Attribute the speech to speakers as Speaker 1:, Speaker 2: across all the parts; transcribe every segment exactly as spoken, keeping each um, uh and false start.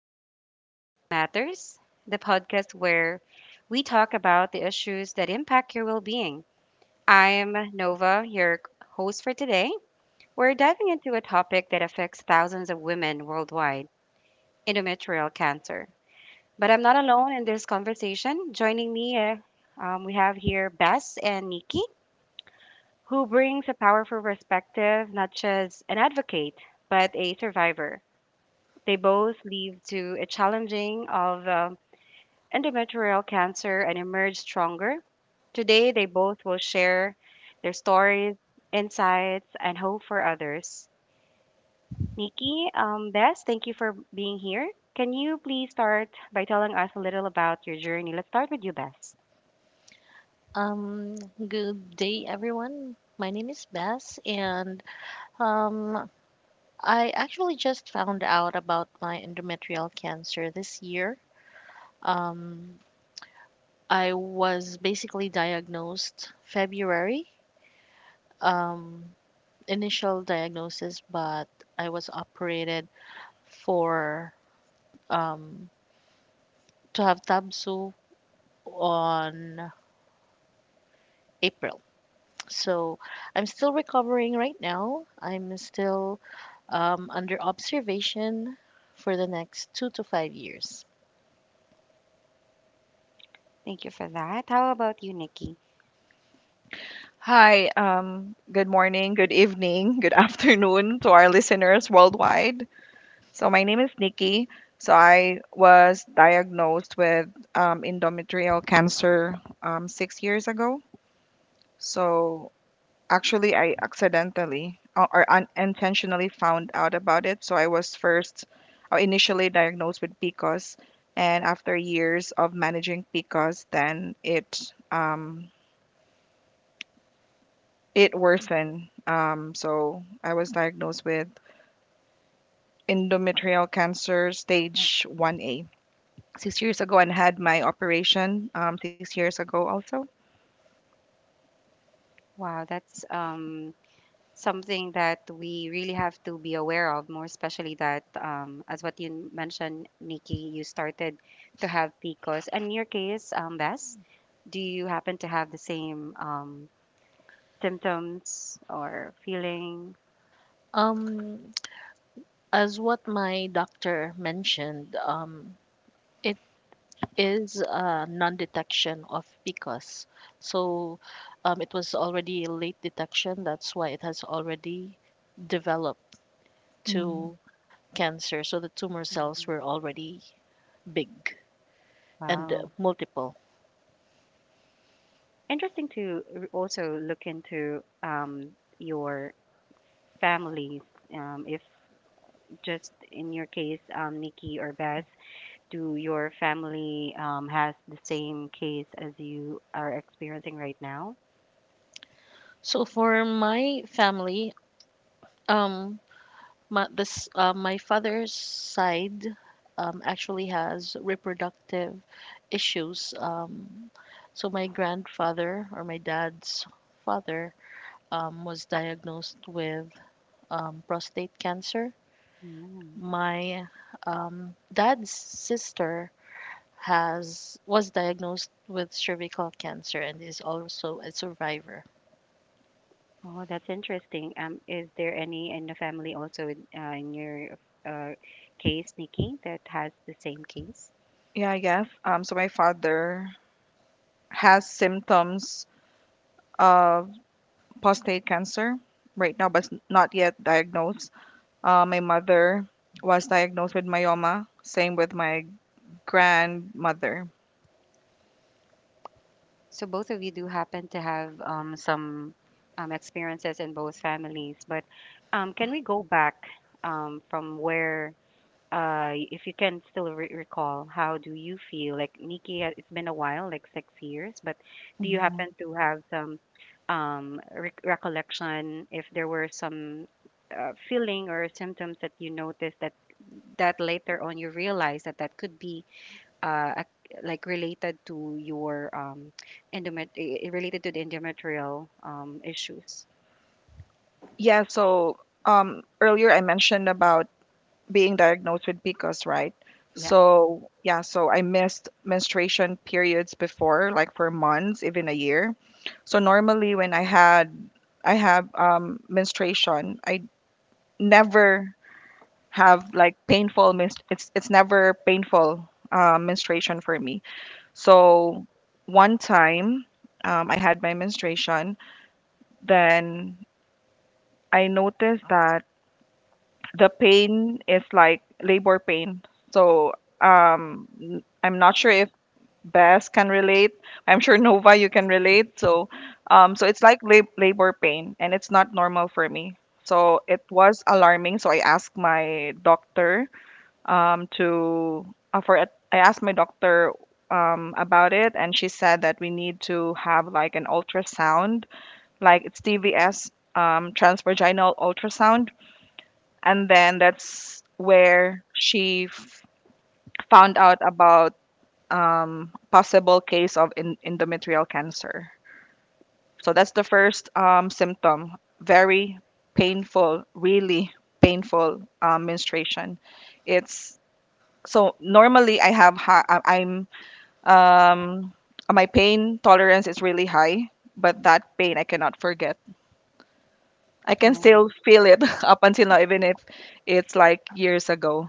Speaker 1: welcome to Health Matters, the podcast where we talk about the issues that impact your well being. I'm Nova, your host for today. We're diving into a topic that affects thousands of women worldwide endometrial cancer. But I'm not alone in this conversation. Joining me, uh, um, we have here Bess and Nikki, who brings a powerful perspective, not just an advocate, but a survivor. They both lead to a challenging of uh, endometrial cancer and emerge stronger. Today, they both will share their stories, insights, and hope for others. Nikki, um, Bess, thank you for being here. Can you please start by telling us a little about your journey? Let's start with you, Bess.
Speaker 2: Um, Good day, everyone. My name is Bess, and um, I actually just found out about my endometrial cancer this year. Um, I was basically diagnosed February, um, initial diagnosis, but I was operated for um, to have Tabsu on April. So I'm still recovering right now. I'm still um, under observation for the next two to five years.
Speaker 1: Thank you for that. How about you, Nikki?
Speaker 3: Hi, um, good morning, good evening, good afternoon to our listeners worldwide. So, my name is Nikki. So, I was diagnosed with um, endometrial cancer um, six years ago. So, actually, I accidentally or or unintentionally found out about it. So, I was first or initially diagnosed with P C O S, and after years of managing P C O S, then it um, it worsened. Um, so I was diagnosed with endometrial cancer stage one A six years ago and had my operation um, six years ago also.
Speaker 1: Wow, that's um, something that we really have to be aware of, more especially that, um, as what you mentioned, Nikki, you started to have P C O S. And in your case, um, Bess, do you happen to have the same um, symptoms or feelings?
Speaker 2: Um, as what my doctor mentioned, um, it is a non-detection of P C O S. So um, it was already a late detection. That's why it has already developed
Speaker 3: Mm.
Speaker 2: to cancer. So the tumor cells
Speaker 1: Mhm.
Speaker 2: were already big and uh,
Speaker 1: Wow.
Speaker 2: multiple.
Speaker 1: Interesting to r- also look into um, your families, um, if just in your case, um, Nikki or Bess. Do your family um, has the same case as you are experiencing right now?
Speaker 2: So for my family, um, my, this uh, my father's side um, actually has reproductive issues. Um, so my grandfather or my dad's father um, was diagnosed with um, prostate cancer.
Speaker 1: Mm.
Speaker 2: My um, dad's sister has was diagnosed with cervical cancer and is also a survivor.
Speaker 1: Oh, that's interesting. Um, is there any in the family also in, uh, in your uh, case, Nikki, that has the same case?
Speaker 3: Yeah, I guess. Um, so my father has symptoms of prostate cancer right now, but it's not yet diagnosed. Uh, my mother was diagnosed with myoma. Same with my grandmother.
Speaker 1: So both of you do happen to have um, some um, experiences in both families, but um, can we go back um, from where? Uh, if you can still re- recall, how do you feel? Like Nikki, uh, it's been a while, like six years, but do you
Speaker 3: Mhm.
Speaker 1: happen to have some um, re- recollection if there were some uh, feeling or symptoms that you noticed that that later on you realized that that could be uh, ac- like related to your um, endomet- i- i- related to the endometrial um, issues?
Speaker 3: Yeah, so um, earlier I mentioned about being diagnosed with P C O S, right?
Speaker 1: Yeah.
Speaker 3: So yeah, so I missed menstruation periods before, like for months, even a year. So normally when I had I have um, menstruation, I never have like painful menst- it's it's never painful uh, menstruation for me. So one time, um, I had my menstruation, then I noticed that the pain is like labor pain. So um, n- I'm not sure if Bess can relate. I'm sure Nova, you can relate. So um, so it's like lab- labor pain, and it's not normal for me. So it was alarming. So I asked my doctor um, to uh, for a- I asked my doctor um, about it, and she said that we need to have like an ultrasound, like it's T V S, um, transvaginal ultrasound, and then that's where she f- found out about um, possible case of in- endometrial cancer. So that's the first um, symptom. Very painful, really painful um, menstruation. It's, so normally I have high, I'm um, my pain tolerance is really high, but that pain I cannot forget. I can
Speaker 1: Oh.
Speaker 3: still feel it up until now, even if it's like years ago.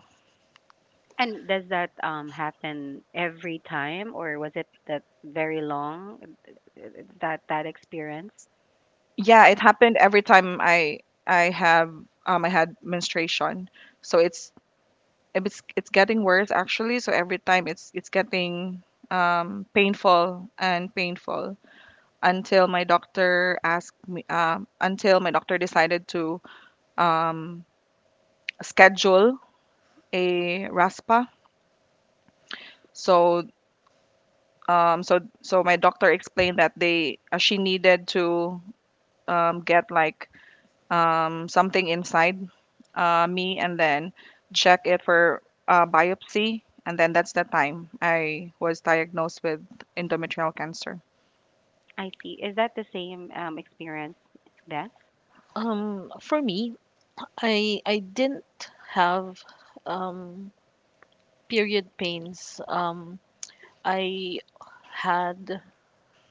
Speaker 1: And does that um happen every time or was it that very long uh, uh, that that experience?
Speaker 3: Yeah, it happened every time i i have um I had menstruation. So it's it's it's getting worse, actually. So every time, it's it's getting um painful and painful, until my doctor asked me um until my doctor decided to um schedule a raspa. So um so so my doctor explained that they uh, she needed to um get like um something inside uh, me, and then check it for uh, biopsy. And then that's the time I was diagnosed with endometrial cancer.
Speaker 1: I see. Is that the same um experience, Des?
Speaker 2: Um, for me, I I didn't have um, period pains. Um, I had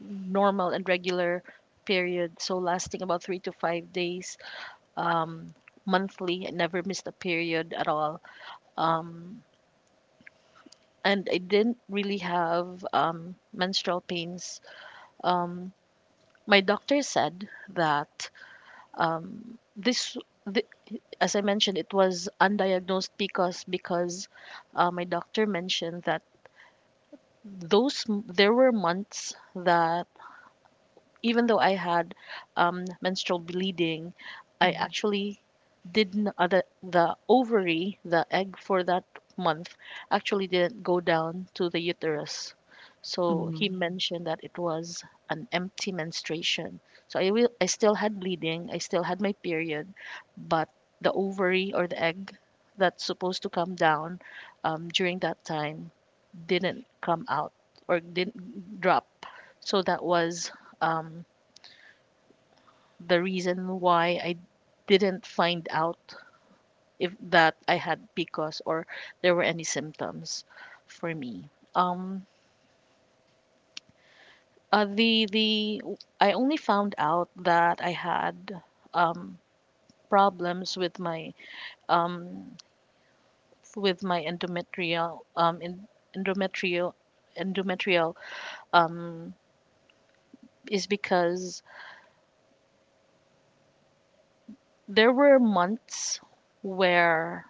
Speaker 2: normal and regular period, so lasting about three to five days um, monthly. I never missed a period at all. Um, and I didn't really have um, menstrual pains. Um, my doctor said that um, this. thi- as I mentioned, it was undiagnosed because because uh, my doctor mentioned that those m- there were months that even though I had um, menstrual bleeding, I
Speaker 3: Mhm.
Speaker 2: actually didn't uh, the, the ovary, the egg for that month, actually didn't go down to the uterus. So
Speaker 3: Mm.
Speaker 2: he mentioned that it was an empty menstruation. So I will, I still had bleeding, I still had my period, but the ovary or the egg that's supposed to come down um, during that time didn't come out or didn't drop. So that was um, the reason why I didn't find out if that I had P C O S or there were any symptoms for me. Um, uh, the the I only found out that I had um, problems with my um, with my endometrial um, in, endometrial endometrial um, is because there were months where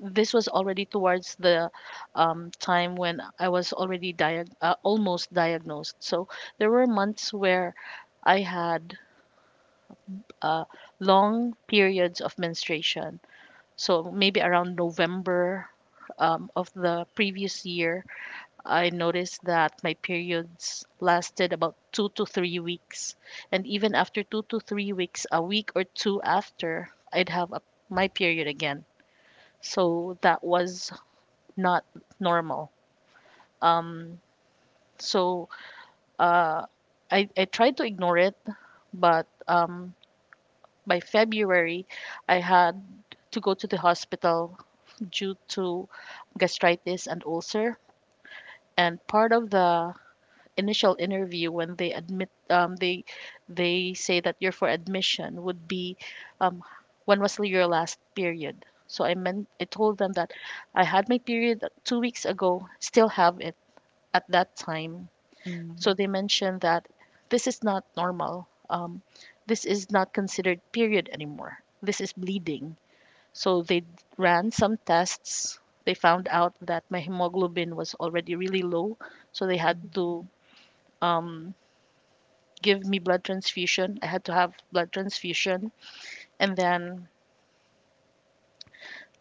Speaker 2: this was already towards the um, time when I was already diag- uh, almost diagnosed. So there were months where I had uh, long periods of menstruation. So maybe around November um, of the previous year, I noticed that my periods lasted about two to three weeks. And even after two to three weeks, a week or two after, I'd have a, my period again. So that was not normal. Um, so uh, I, I tried to ignore it, but um, by February, I had to go to the hospital due to gastritis and ulcer. And part of the initial interview, when they admit, um, they they say that you're for admission, would be um, when was your last period? So I meant I told them that I had my period two weeks ago, still have it at that time. So
Speaker 3: Mm,
Speaker 2: they mentioned that this is not normal. Um, this is not considered period anymore. This is bleeding. So they d- ran some tests. They found out that my hemoglobin was already really low. So they had
Speaker 3: mm,
Speaker 2: to um, give me blood transfusion. I had to have blood transfusion. And then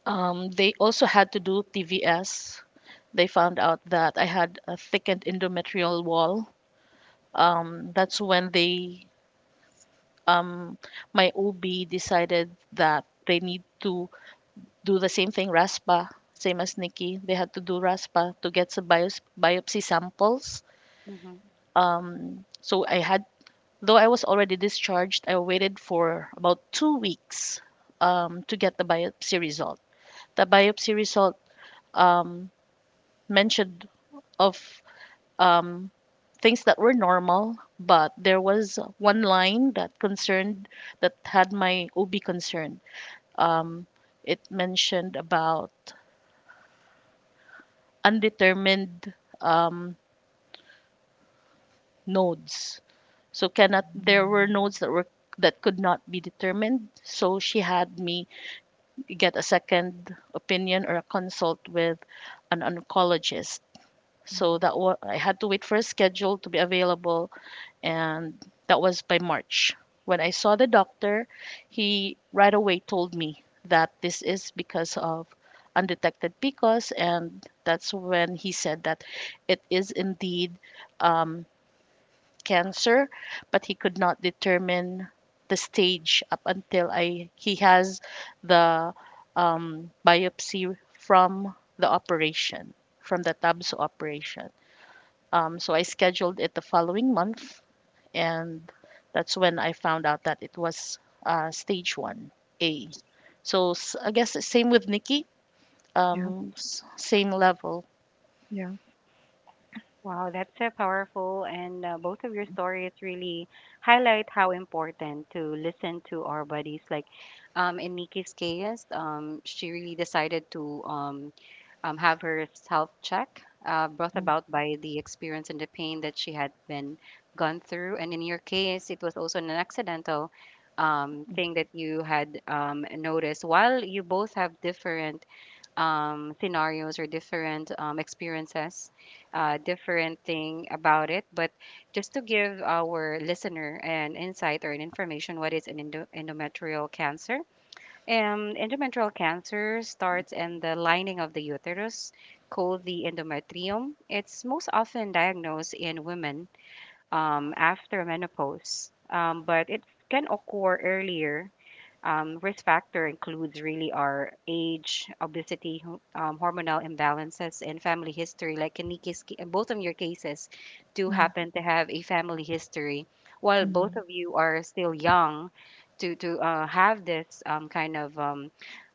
Speaker 2: um, they also had to do T V S. They found out that I had a thickened endometrial wall. Um, that's when they um, my O B decided that they need to do the same thing, RASPA, same as Nikki. They had to do RASPA to get some bios, biopsy samples.
Speaker 1: Hmm.
Speaker 2: Um, so I had, though I was already discharged, I waited for about two weeks um, to get the biopsy result. The biopsy result um, mentioned of um, things that were normal, but there was one line that concerned that had my O B concerned. um, it mentioned about undetermined um, nodes. So cannot there were nodes that were that could not be determined. So she had me get a second opinion or a consult with an oncologist. So that
Speaker 3: mm.
Speaker 2: wa- I had to wait for a schedule to be available, and that was by March. When I saw the doctor, he right away told me that this is because of undetected P C O S, and that's when he said that it is indeed um, cancer, but he could not determine the stage up until I he has the um, biopsy from the operation, from the TABS operation. Um, so I scheduled it the following month, and that's when I found out that it was uh, stage 1A. So s- I guess it's same with Nikki,
Speaker 3: Yeah,
Speaker 2: um, s- same level.
Speaker 3: yeah.
Speaker 1: Wow, that's so powerful. And uh, both of your stories really highlight how important to listen to our bodies. Like um, in Nikki's case, um, she really decided to um, um, have her self check uh, brought
Speaker 3: Mm,
Speaker 1: about by the experience and the pain that she had been gone through. And in your case, it was also an accidental um, thing that you had um, noticed. While you both have different um, scenarios or different um, experiences, uh, different thing about it, but just to give our listener an insight or an information what is an endo- endometrial cancer um, endometrial cancer starts in the lining of the uterus, called the endometrium. It's most often diagnosed in women um, after menopause, um, but it can occur earlier. Um, risk factor includes really our age, obesity, ho- um, hormonal imbalances, and family history. Like in Nikki's, ca- in both of your cases, do
Speaker 3: mm,
Speaker 1: happen to have a family history. While both
Speaker 3: mm,
Speaker 1: of you are still young, to to uh, have this um, kind of um,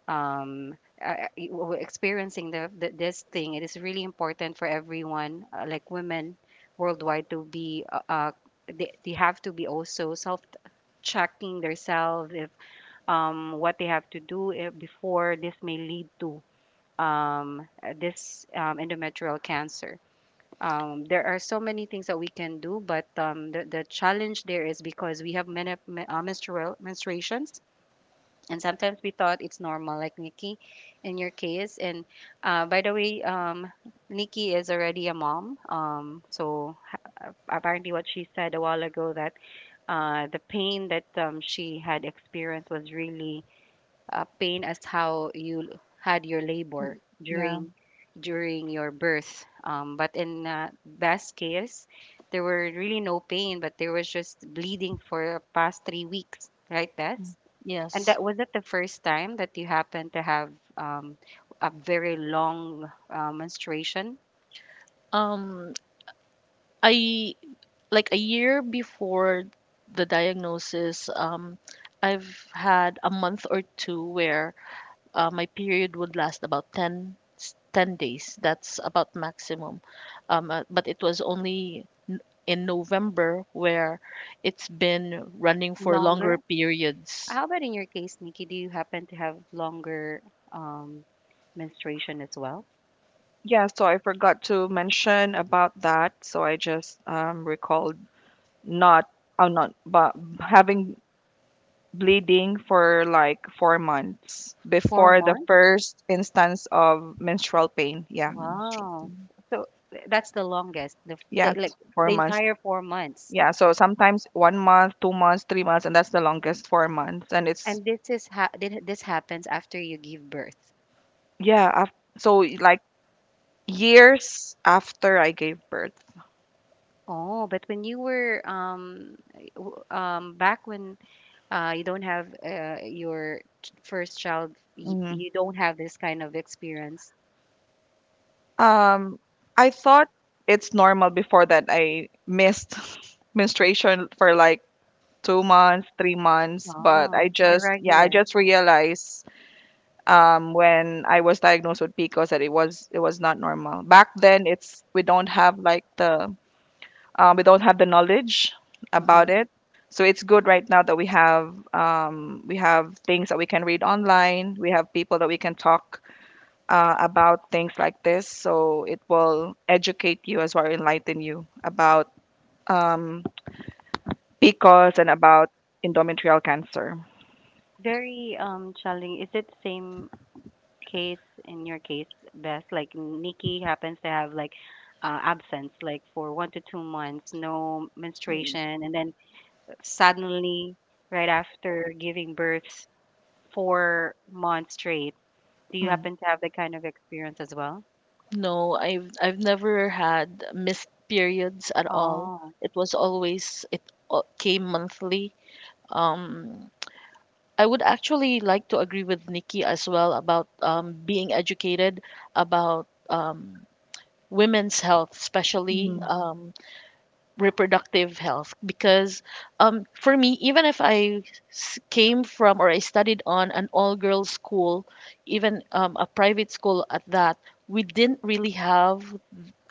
Speaker 1: um uh, e- w- experiencing the, the this thing, it is really important for everyone uh, like women worldwide to be uh, uh they, they have to be also self checking themselves if um what they have to do eh, before this may lead to um uh, this um, endometrial cancer. Um, there are so many things that we can do, but um, the, the challenge there is because we have many uh, menstrual menstruations, and sometimes we thought it's normal like Nikki in your case. And uh, by the way, um, Nikki is already a mom, um, so ha- apparently what she said a while ago, that uh, the pain that um, she had experienced was really uh, pain as how you had your labor
Speaker 3: mm. Yeah.
Speaker 1: during during your birth, um, but in uh, Best case, there were really no pain, but there was just bleeding for the past three weeks, right, Beth?
Speaker 3: Mm.
Speaker 1: And
Speaker 2: Yes.
Speaker 1: that was it the first time that you happened to have um, a very long uh, menstruation,
Speaker 2: Um, I, like a year before the diagnosis, um, I've had a month or two where uh, my period would last about ten, s- ten days. That's about maximum. Um, uh, but it was only in November where it's been running for
Speaker 1: longer?
Speaker 2: longer periods.
Speaker 1: How about in your case, Nikki? Do you happen to have longer um, menstruation as well?
Speaker 3: Yeah, so I forgot to mention about that. So I just um, recalled, not, oh, not, but having bleeding for like four months
Speaker 1: Four
Speaker 3: before the
Speaker 1: months?
Speaker 3: first instance of menstrual pain. Yeah,
Speaker 2: Mm,
Speaker 1: Wow.
Speaker 2: shocking.
Speaker 1: So th- that's the longest, the, f- the
Speaker 3: yes,
Speaker 1: like
Speaker 3: four
Speaker 1: the
Speaker 3: months.
Speaker 1: entire four months.
Speaker 3: Yeah, so sometimes one month, two months, three months, and that's the longest, four months. And it's
Speaker 1: And this is ha- thi- this happens after you give birth.
Speaker 3: yeah, af- so like years after I gave birth.
Speaker 1: Oh, but when you were um y- w- um back when uh you don't have uh your ch- first child, y
Speaker 3: Mhm.
Speaker 1: you don't have this kind of experience.
Speaker 3: Um, I thought it's normal before that I missed menstruation for like two months, three months, but I
Speaker 1: Oh,
Speaker 3: just yeah, I
Speaker 1: irregular.
Speaker 3: just realized um when I was diagnosed with P C O S that it was it was not normal. Back then, it's we don't have like the um, we don't have the knowledge
Speaker 1: Mm-hmm.
Speaker 3: about it. So it's good right now that we have, um, we have things that we can read online. We have people that we can talk uh, about things like this, so it will educate you as well, enlighten you about um, P C O S and about endometrial cancer.
Speaker 1: Very um challenging. Is it the same case in your case, Beth? Like Nikki happens to have like uh, absence, like for one to two months, no menstruation, and then suddenly, right after giving birth, four months straight. Do you happen to have that kind of experience as well?
Speaker 2: No, I've I've never had missed periods at all.
Speaker 1: Oh,
Speaker 2: It was always it al- came monthly. Um, I would actually like to agree with Nikki as well about um, being educated about um, women's health, especially
Speaker 3: Mm-hmm.
Speaker 2: um, reproductive health because um, for me, even if i s- came from or I studied on an all girls school, even um, a private school at that, we didn't really have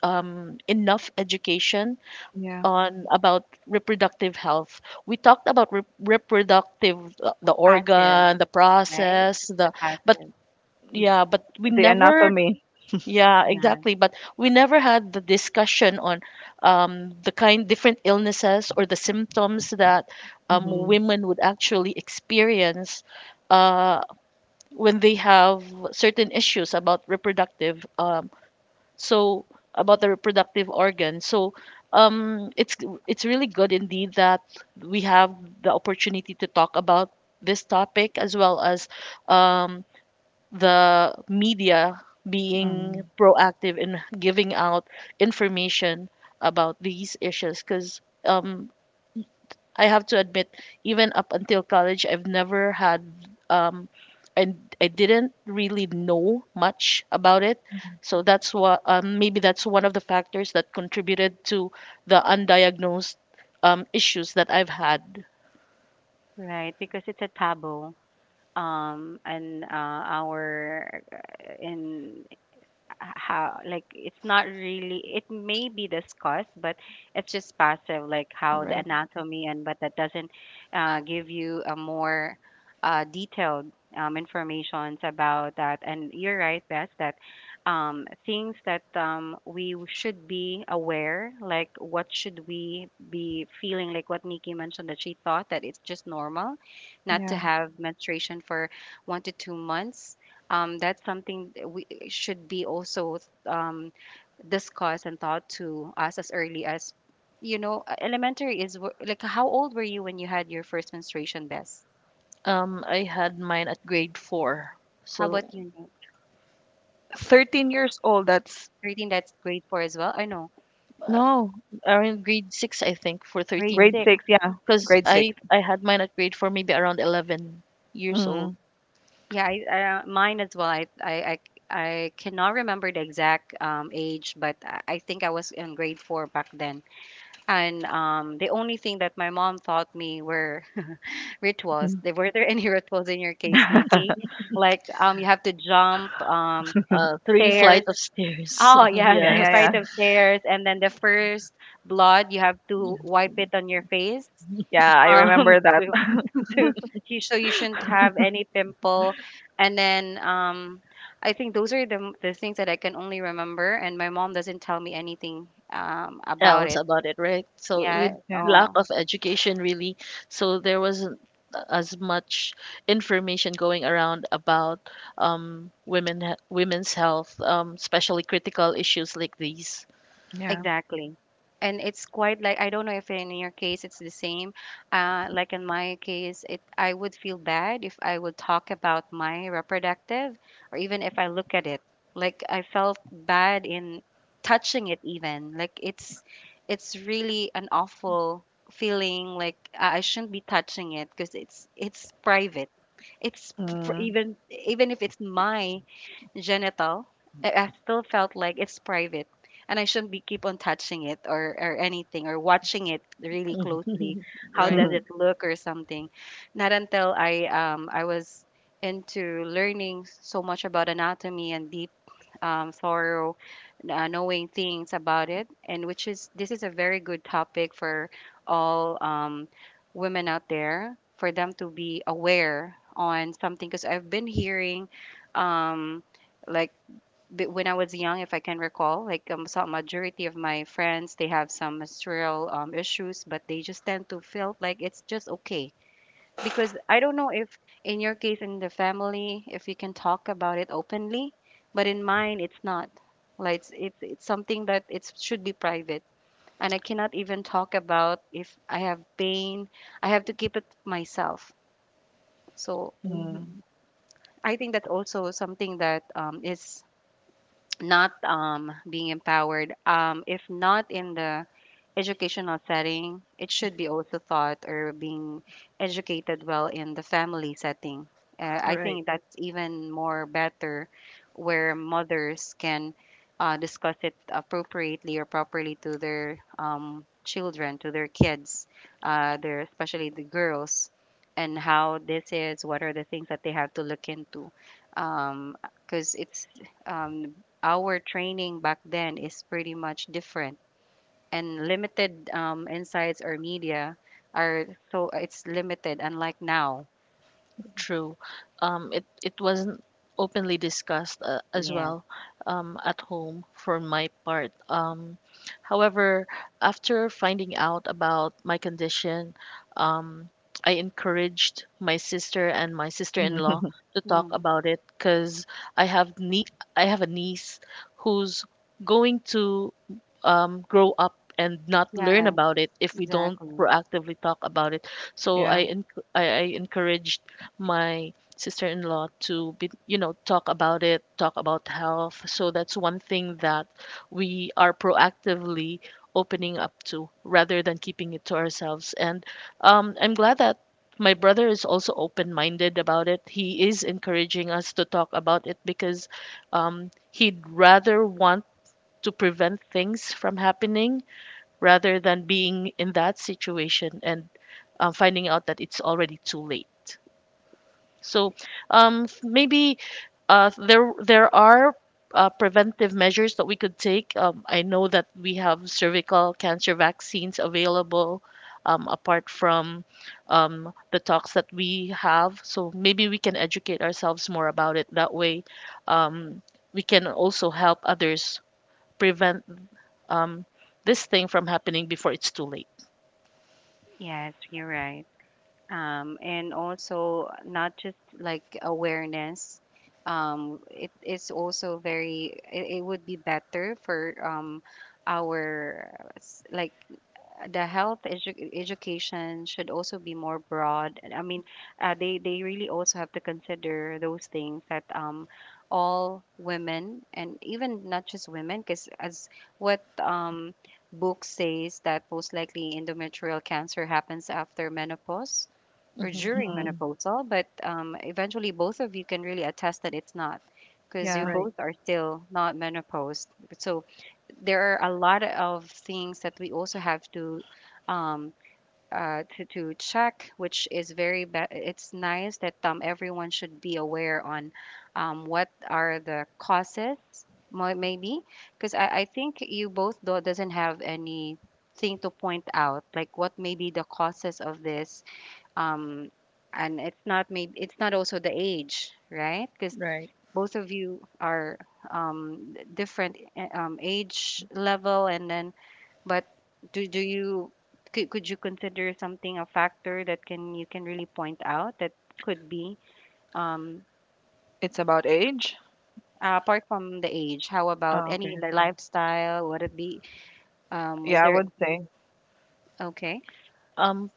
Speaker 2: um, enough education
Speaker 3: Yeah,
Speaker 2: on about reproductive health. We talked about re- reproductive uh, the
Speaker 1: passive,
Speaker 2: organ, the
Speaker 1: right? It's
Speaker 2: process,
Speaker 1: just
Speaker 2: the
Speaker 1: a
Speaker 2: but
Speaker 1: passive.
Speaker 2: yeah, but we
Speaker 3: the
Speaker 2: never,
Speaker 3: anatomy.
Speaker 2: yeah,
Speaker 1: Yeah,
Speaker 2: exactly. But we never had the discussion on um, the kind different illnesses or the symptoms that um,
Speaker 3: Hmm.
Speaker 2: women would actually experience uh, when they have certain issues about reproductive, um, so about the reproductive organ. So um, it's it's really good indeed that we have the opportunity to talk about this topic as well as um, the media
Speaker 3: Mm.
Speaker 2: being proactive in giving out information about these issues, because um, I have to admit, even up until college, I've never had, um, I, I didn't really know much about it. So that's what, um, maybe that's one of the factors that contributed to the undiagnosed um, issues that I've had,
Speaker 1: right. Because it's a taboo. Um, and uh, our uh, in how like it's not really it may be discussed, but it's just passive, like how the
Speaker 2: right?
Speaker 1: anatomy, and but that doesn't uh, give you a more uh, detailed um, informations about that. And you're right, Bess, that um, things that um, we should be aware like what should we be feeling, like what Nikki mentioned, that she thought that it's just normal not to
Speaker 3: Yeah,
Speaker 1: have menstruation for one to two months. Um, that's something that we uh, should be also um, discussed and taught to us as early as, you know, uh, elementary. Is wh- like how old were you when you had your first menstruation, Bess?
Speaker 2: Um, I had mine at grade four.
Speaker 1: How
Speaker 2: So
Speaker 1: about you, Nick?
Speaker 3: thirteen years old. That's
Speaker 1: Do you think that's grade four as well? I know,
Speaker 2: uh,
Speaker 3: no,
Speaker 2: around grade six, I think, for
Speaker 1: grade
Speaker 2: thirteen,
Speaker 3: grade
Speaker 1: six.
Speaker 3: six. Yeah,
Speaker 2: because
Speaker 3: grade six.
Speaker 2: I I had mine at grade four, maybe around eleven years
Speaker 3: Mm-hmm.
Speaker 2: old.
Speaker 1: Yeah, I, uh, mine as well. I, I, I, I cannot remember the exact um, age, but I I think I was in grade four back then. And um, the only thing that my mom taught me were rituals. There- Were there any rituals in your case, Nikki? Like um, you have to jump um
Speaker 2: Uh, three flight
Speaker 1: stairs.
Speaker 2: of stairs.
Speaker 1: Oh yes,
Speaker 3: Yeah,
Speaker 1: the
Speaker 2: yes.
Speaker 3: yeah.
Speaker 1: flight of stairs, and then the first blood, you have
Speaker 2: Yeah.
Speaker 1: to wipe it on your face.
Speaker 3: Yeah, I
Speaker 1: Um,
Speaker 3: remember that.
Speaker 1: to, to you so you shouldn't have any pimple, and then um, I think those are the the things that I can only remember, and my mom doesn't tell me anything um about
Speaker 2: Else
Speaker 1: it.
Speaker 2: about it, right? So
Speaker 1: Yeah.
Speaker 2: with
Speaker 3: Yeah.
Speaker 2: lack
Speaker 1: Oh.
Speaker 2: of education, really, so there wasn't as much information going around about um women he- women's health, um especially critical issues like these,
Speaker 3: Yeah.
Speaker 1: Exactly. And it's quite like I don't know if in your case it's the same. Uh, like in my case, it I would feel bad if I would talk about my reproductive, or even if I look at it. Like I felt bad in touching it even. Like it's it's really an awful feeling. Like I I shouldn't be touching it because it's it's private. It's for
Speaker 3: Mm.
Speaker 1: even even if it's my genital, I, I still felt like it's private and I shouldn't be keep on touching it or, or anything or watching it really closely. How
Speaker 2: right?
Speaker 1: does it look or something? Not until I um I was into learning so much about anatomy and deep um, thorough uh, knowing things about it. And which is this is a very good topic for all um, women out there for them to be aware on something, because I've been hearing um, like b- when I was young, if I can recall, like um, some majority of my friends, they have some menstrual um, issues, but they just tend to feel like it's just okay, because I don't know if in your case in the family, if you can talk about it openly, but in mine it's not. Like it's it's, it's something that it should be private, and I cannot even talk about if I have pain. I have to keep it myself. So
Speaker 3: Mm.
Speaker 2: Mhm.
Speaker 1: I think that's also something that um, is not um, being empowered. Um, if not in the educational setting, it should be also taught or being educated well in the family setting. Uh, I
Speaker 2: Right.
Speaker 1: think that's even more better, where mothers can uh, discuss it appropriately or properly to their um, children, to their kids, uh, their, especially the girls. And how this is, what are the things that they have to look into? Because it's um, our training back then is pretty much different and limited um, insights or media are, so it's limited unlike now.
Speaker 2: True. Um, it it wasn't openly discussed uh, as
Speaker 1: Yeah.
Speaker 2: well um, at home for my part. Um, however, after finding out about my condition, um, I encouraged my sister and my sister-in-law to talk
Speaker 1: mm.
Speaker 2: about it because I have nie- I have a niece who's going to um, grow up and not learn
Speaker 1: Yeah,
Speaker 2: about it if we don't
Speaker 1: exactly.
Speaker 2: proactively talk about it. So
Speaker 3: Yeah.
Speaker 2: I enc- I, I encouraged my sister-in-law to, be, you know, talk about it, talk about health. So that's one thing that we are proactively opening up to, rather than keeping it to ourselves, and um, i'm glad that my brother is also open-minded about it. He is encouraging us to talk about it because um, he'd rather want to prevent things from happening rather than being in that situation and uh, finding out that it's already too late. So um, f- maybe uh, there there are uh, preventive measures that we could take. Um, I know that we have cervical cancer vaccines available. Um, apart from um, the talks that we have, so maybe we can educate ourselves more about it. That way, um, we can also help others prevent um, this thing from happening before it's too late.
Speaker 1: Yes, you're right. Um, and also not just like awareness, um, it is also very, it, it would be better for um, our s- like the health edu- education should also be more broad. I mean, uh, they they really also have to consider those things that um, all women and even not just women, because as what um, book says, that most likely endometrial cancer happens after menopause or
Speaker 2: Mhm.
Speaker 1: during
Speaker 3: Mm.
Speaker 1: menopausal, but um, eventually both of you can really attest that it's not, because you
Speaker 3: Yeah.
Speaker 2: Right,
Speaker 1: both are still not menopaused. So there are a lot of things that we also have to um, uh, to, to check, which is very be- it's nice that um, everyone should be aware on um, what are the causes mo- maybe because I, I think you both do- doesn't have anything to point out like what may be the causes of this um and it's not maybe it's not also the age, right? Because
Speaker 2: right.
Speaker 1: both of you are um d- different uh, um, age level, and then but do do you could, could you consider something a factor that can you can really point out that could be um
Speaker 3: It's about age?
Speaker 1: uh, apart from the age. How about
Speaker 3: Oh,
Speaker 1: any
Speaker 3: okay.
Speaker 1: li- lifestyle would it be? Um was
Speaker 3: Yeah, I
Speaker 1: there
Speaker 3: would say.
Speaker 1: Okay.
Speaker 2: Um,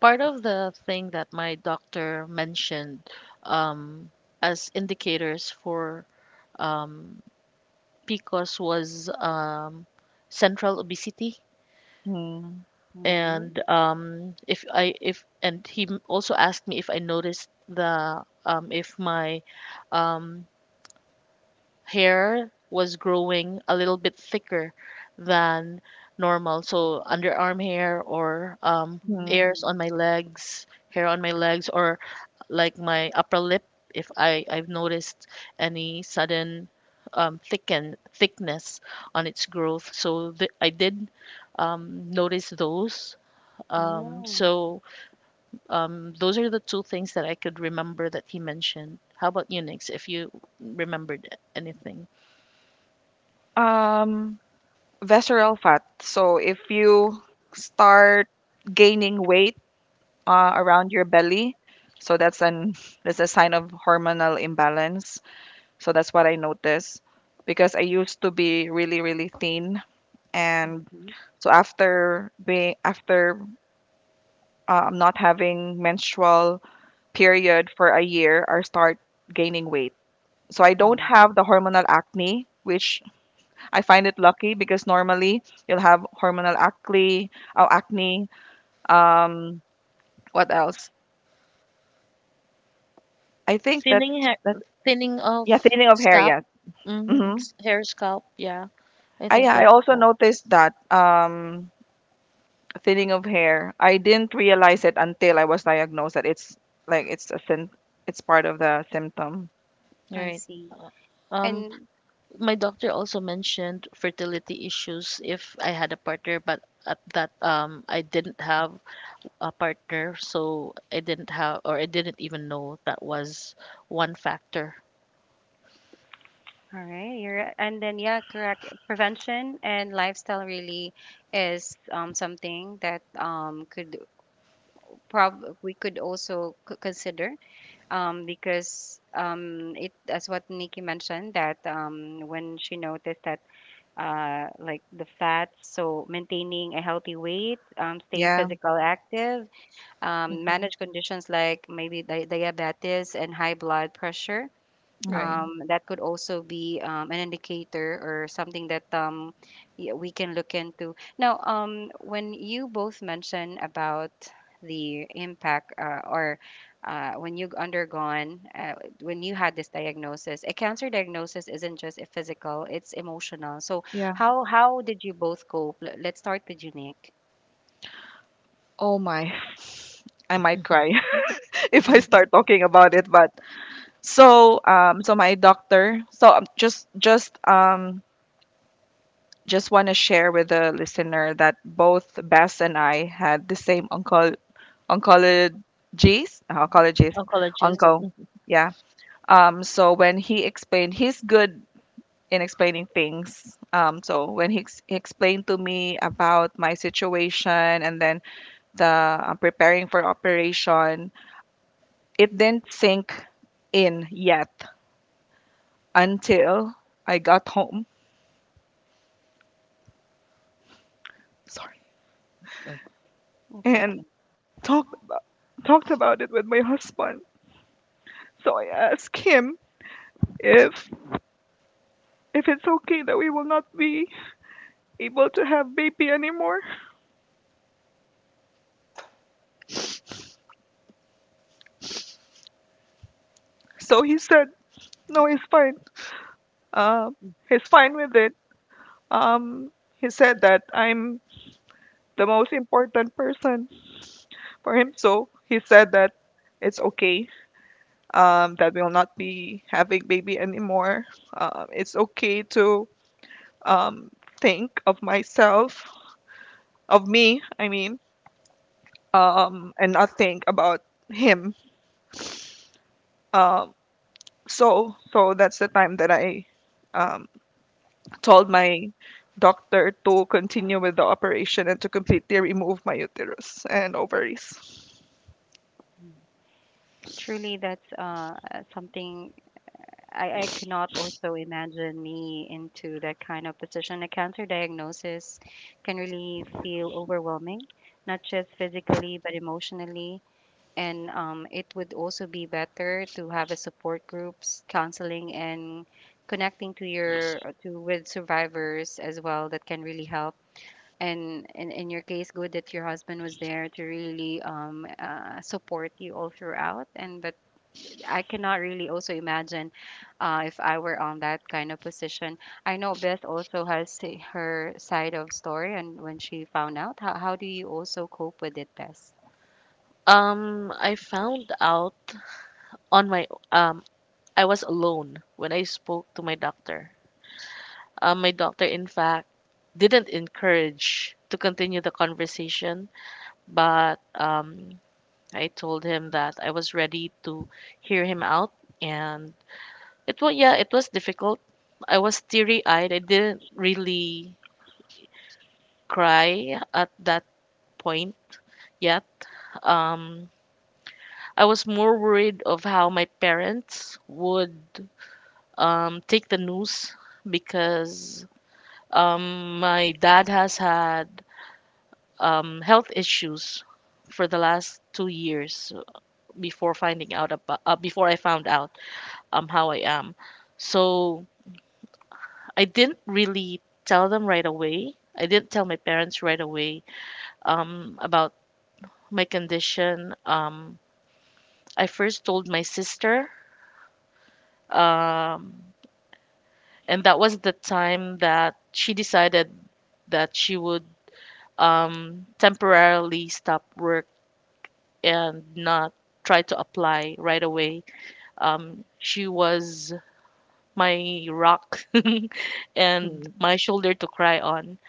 Speaker 2: Part of the thing that my doctor mentioned um, as indicators for um, P C O S was um, central obesity,
Speaker 3: Mm.
Speaker 1: Mm-hmm.
Speaker 2: and um, if I if and he m- also asked me if I noticed the um, if my um, hair was growing a little bit thicker than normal. So underarm hair, or um,
Speaker 3: Mm.
Speaker 2: hairs
Speaker 1: Mm.
Speaker 2: on my legs, hair on my legs, or like my upper lip. If I I've noticed any sudden um, thicken thickness on its growth. So th- I did um, notice those. Um,
Speaker 1: Oh.
Speaker 2: so um, those are the two things that I could remember that he mentioned. How about you, Nix? If you remembered anything.
Speaker 3: Um, visceral fat. So if you start gaining weight uh, around your belly, so that's an that's a sign of hormonal imbalance. So that's what I noticed, because I used to be really really thin, and
Speaker 1: Mhm.
Speaker 3: so after being after um, not having menstrual period for a year or start gaining weight. So I don't
Speaker 1: Oh,
Speaker 3: have the hormonal acne, which I find it lucky, because normally you'll have hormonal acne, oh, acne. Um, what else? I think that's
Speaker 2: Thinning hair,
Speaker 3: that's
Speaker 2: thinning of
Speaker 3: yeah, thinning of hair.
Speaker 2: scalp,
Speaker 3: Yes.
Speaker 2: mm,
Speaker 3: Mm-hmm.
Speaker 2: hair scalp. Yeah, I
Speaker 3: I
Speaker 2: think
Speaker 3: I
Speaker 2: that's
Speaker 3: also
Speaker 2: that.
Speaker 3: noticed that, um, thinning of hair. I didn't realize it until I was diagnosed that it's like it's a sym- it's part of the symptom.
Speaker 1: I
Speaker 2: Right.
Speaker 1: see.
Speaker 2: Uh, Um,
Speaker 1: And
Speaker 2: my doctor also mentioned fertility issues if I had a partner, but at that um, I didn't have a partner, so I didn't have, or I didn't even know that was one factor.
Speaker 1: all right, you're, and then, yeah, correct. Prevention and lifestyle really is um, something that um, could prob we could also c- consider, um, because um, it, as what Nikki mentioned, that um, when she noticed that uh, like the fats, so maintaining a healthy weight, um, stay
Speaker 3: Yeah.
Speaker 1: physical active, um,
Speaker 2: Hmm.
Speaker 1: manage conditions like maybe di- diabetes and high blood pressure,
Speaker 2: Right.
Speaker 3: Hmm.
Speaker 1: um, that could also be um, an indicator or something that um, y- we can look into. Now, um, when you both mentioned about the impact uh, or uh, when you've undergone, uh, when you had this diagnosis, a cancer diagnosis isn't just a physical, it's emotional. So,
Speaker 3: Yeah.
Speaker 1: how, how did you both cope? Let- Let's start with you, Nick.
Speaker 3: Oh my, I might cry if I start talking about it. But so, um, so my doctor. So um, just, just, um, just want to share with the listener that both Bess and I had the same onco oncologist, oncologist,
Speaker 2: Oncologist.
Speaker 3: onco.
Speaker 2: Mm-hmm.
Speaker 3: Yeah. Um. So when he explained, he's good in explaining things. Um. So when he, ex- he explained to me about my situation, and then the uh, preparing for operation. It didn't sink in yet until I got home. Sorry.
Speaker 1: It's okay.
Speaker 3: And talked about talked about it with my husband. So I asked him if if it's okay that we will not be able to have baby anymore. So he said, "No, he's fine. Uh, he's fine with it." Um, he said that I'm the most important person for him. So he said that it's okay, um, that will not be having baby anymore. Um, it's okay to um, think of myself, of me, I mean, um, and not think about him. Um, so, so that's the time that I um, told my doctor to continue with the operation, and to completely remove my uterus and ovaries.
Speaker 1: Truly, that's uh, something I, I could not also imagine me into that kind of position. A cancer diagnosis can really feel overwhelming, not just physically, but emotionally. And um, it would also be better to have a support groups, counseling, and connecting to your uh, to with survivors as well. That can really help. And in, in your case, good that your husband was there to really um, uh, support you all throughout. And but I cannot really also imagine uh, if I were on that kind of position. I know Beth also has a- her side of story, and when she found out, how, how do you also cope with it, Beth?
Speaker 2: Um, I found out on my um, I was alone when I spoke to my doctor. Uh, my doctor, in fact, didn't encourage to continue the conversation, but um, I told him that I was ready to hear him out, and it was, yeah, it was difficult. I was teary-eyed. I didn't really cry at that point yet. Um, I was more worried of how my parents would um, take the news because um, my dad has had um, health issues for the last two years before finding out about uh, before I found out um, how I am. So I didn't really tell them right away. I didn't tell my parents right away um, about my condition. Um, I first told my sister, um, and that was the time that she decided that she would um, temporarily stop work and not try to apply right away. Um, she was my rock and
Speaker 3: Mm,
Speaker 2: my shoulder to cry on.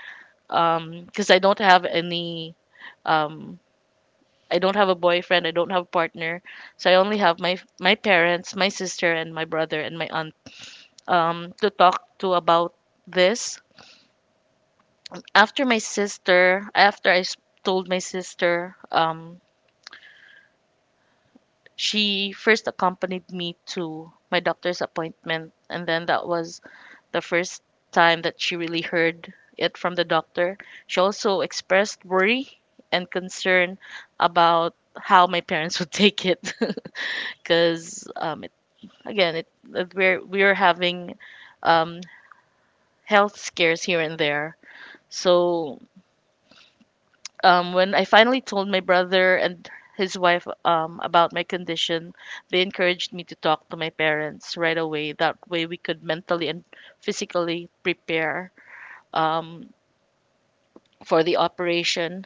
Speaker 2: Um, because I don't have any, um, I don't have a boyfriend, I don't have a partner, so I only have my my parents, my sister, and my brother and my aunt. Um, to talk to about this, after my sister, after I s- told my sister, um, she first accompanied me to my doctor's appointment, and then that was the first time that she really heard it from the doctor. She also expressed worry and concern about how my parents would take it, because um, it, again, it, that we're we're having um, health scares here and there. So um, when I finally told my brother and his wife um, about my condition, they encouraged me to talk to my parents right away. That way, we could mentally and physically prepare um, for the operation,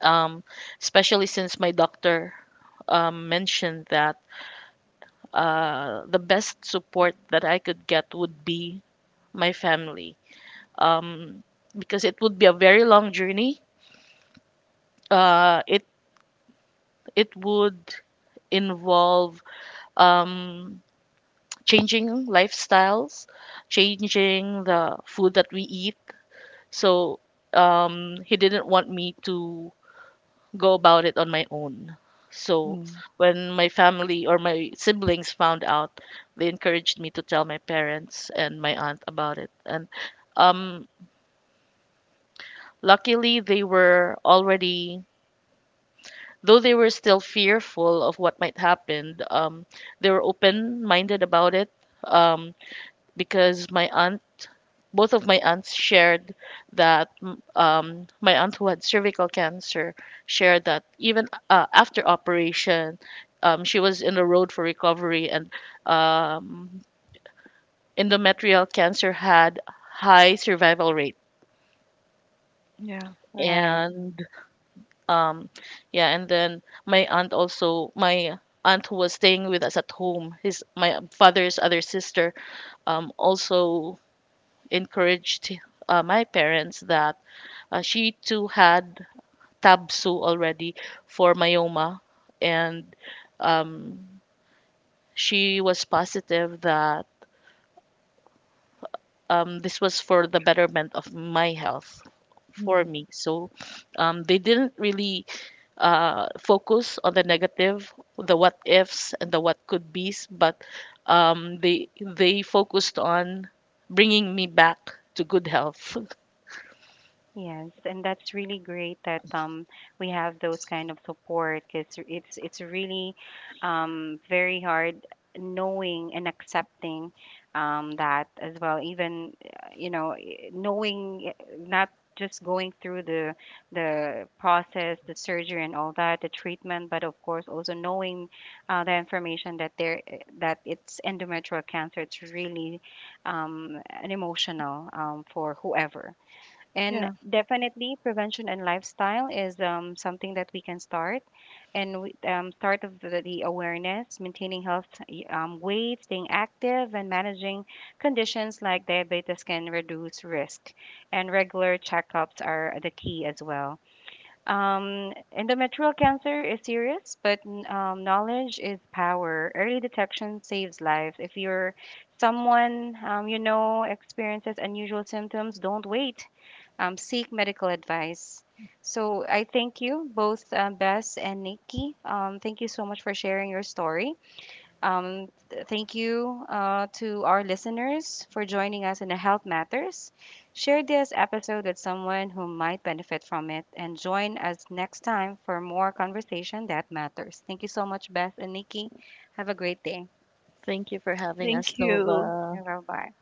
Speaker 2: um, especially since my doctor um, mentioned that uh, the best support that I could get would be my family. Um, because it would be a very long journey. Uh, it it would involve um, changing lifestyles, changing the food that we eat. So um, he didn't want me to go about it on my own. So
Speaker 3: mm.
Speaker 2: when my family or my siblings found out, they encouraged me to tell my parents and my aunt about it. And um, luckily, they were already, though they were still fearful of what might happen, um, they were open minded about it um, because my aunt, both of my aunts shared that, mm, um, my aunt who had cervical cancer shared that even uh, after operation, um, she was in the road for recovery, and um, endometrial cancer had high survival rate,
Speaker 3: Yeah.
Speaker 2: and um, yeah, and then my aunt, also my aunt who was staying with us at home, his my father's other sister, um, also encouraged uh, my parents that uh, she too had Tabsu already for myoma, and um, she was positive that um, this was for the betterment of my health for
Speaker 3: Mm.
Speaker 2: me. So um, they didn't really uh, focus on the negative, the what ifs and the what could be's, but um, they they focused on bringing me back to good health.
Speaker 1: Yes, and that's really great that um we have those kind of support, because it's it's really um very hard knowing and accepting um that as well, even uh, you know i- knowing, uh, not just going through the the process, the surgery and all that, the treatment, but of course also knowing uh, the information that there eh, that it's endometrial cancer, it's really um an emotional um for whoever.
Speaker 3: Yeah.
Speaker 1: And definitely, prevention and lifestyle is um, something that we can start, and we, um, start of the, the awareness, maintaining health, y- um, weight, staying active, and managing conditions like diabetes can reduce risk. And regular checkups are the key as well. Um, endometrial cancer is serious, but um, knowledge is power. Early detection saves lives. If you're someone um, you know, experiences unusual symptoms, don't wait, um, seek medical advice. So I thank you both, um, Bess and Nikki. Um, thank you so much for sharing your story. Um, th- thank you uh, to our listeners for joining us in the Health Matters. Share this episode with someone who might benefit from it, and join us next time for more conversation that matters. Thank you so much, Beth and Nikki. Have a great day.
Speaker 2: Thank you for having
Speaker 3: Thank
Speaker 2: us,
Speaker 3: you.
Speaker 2: Nova.
Speaker 1: Bye bye.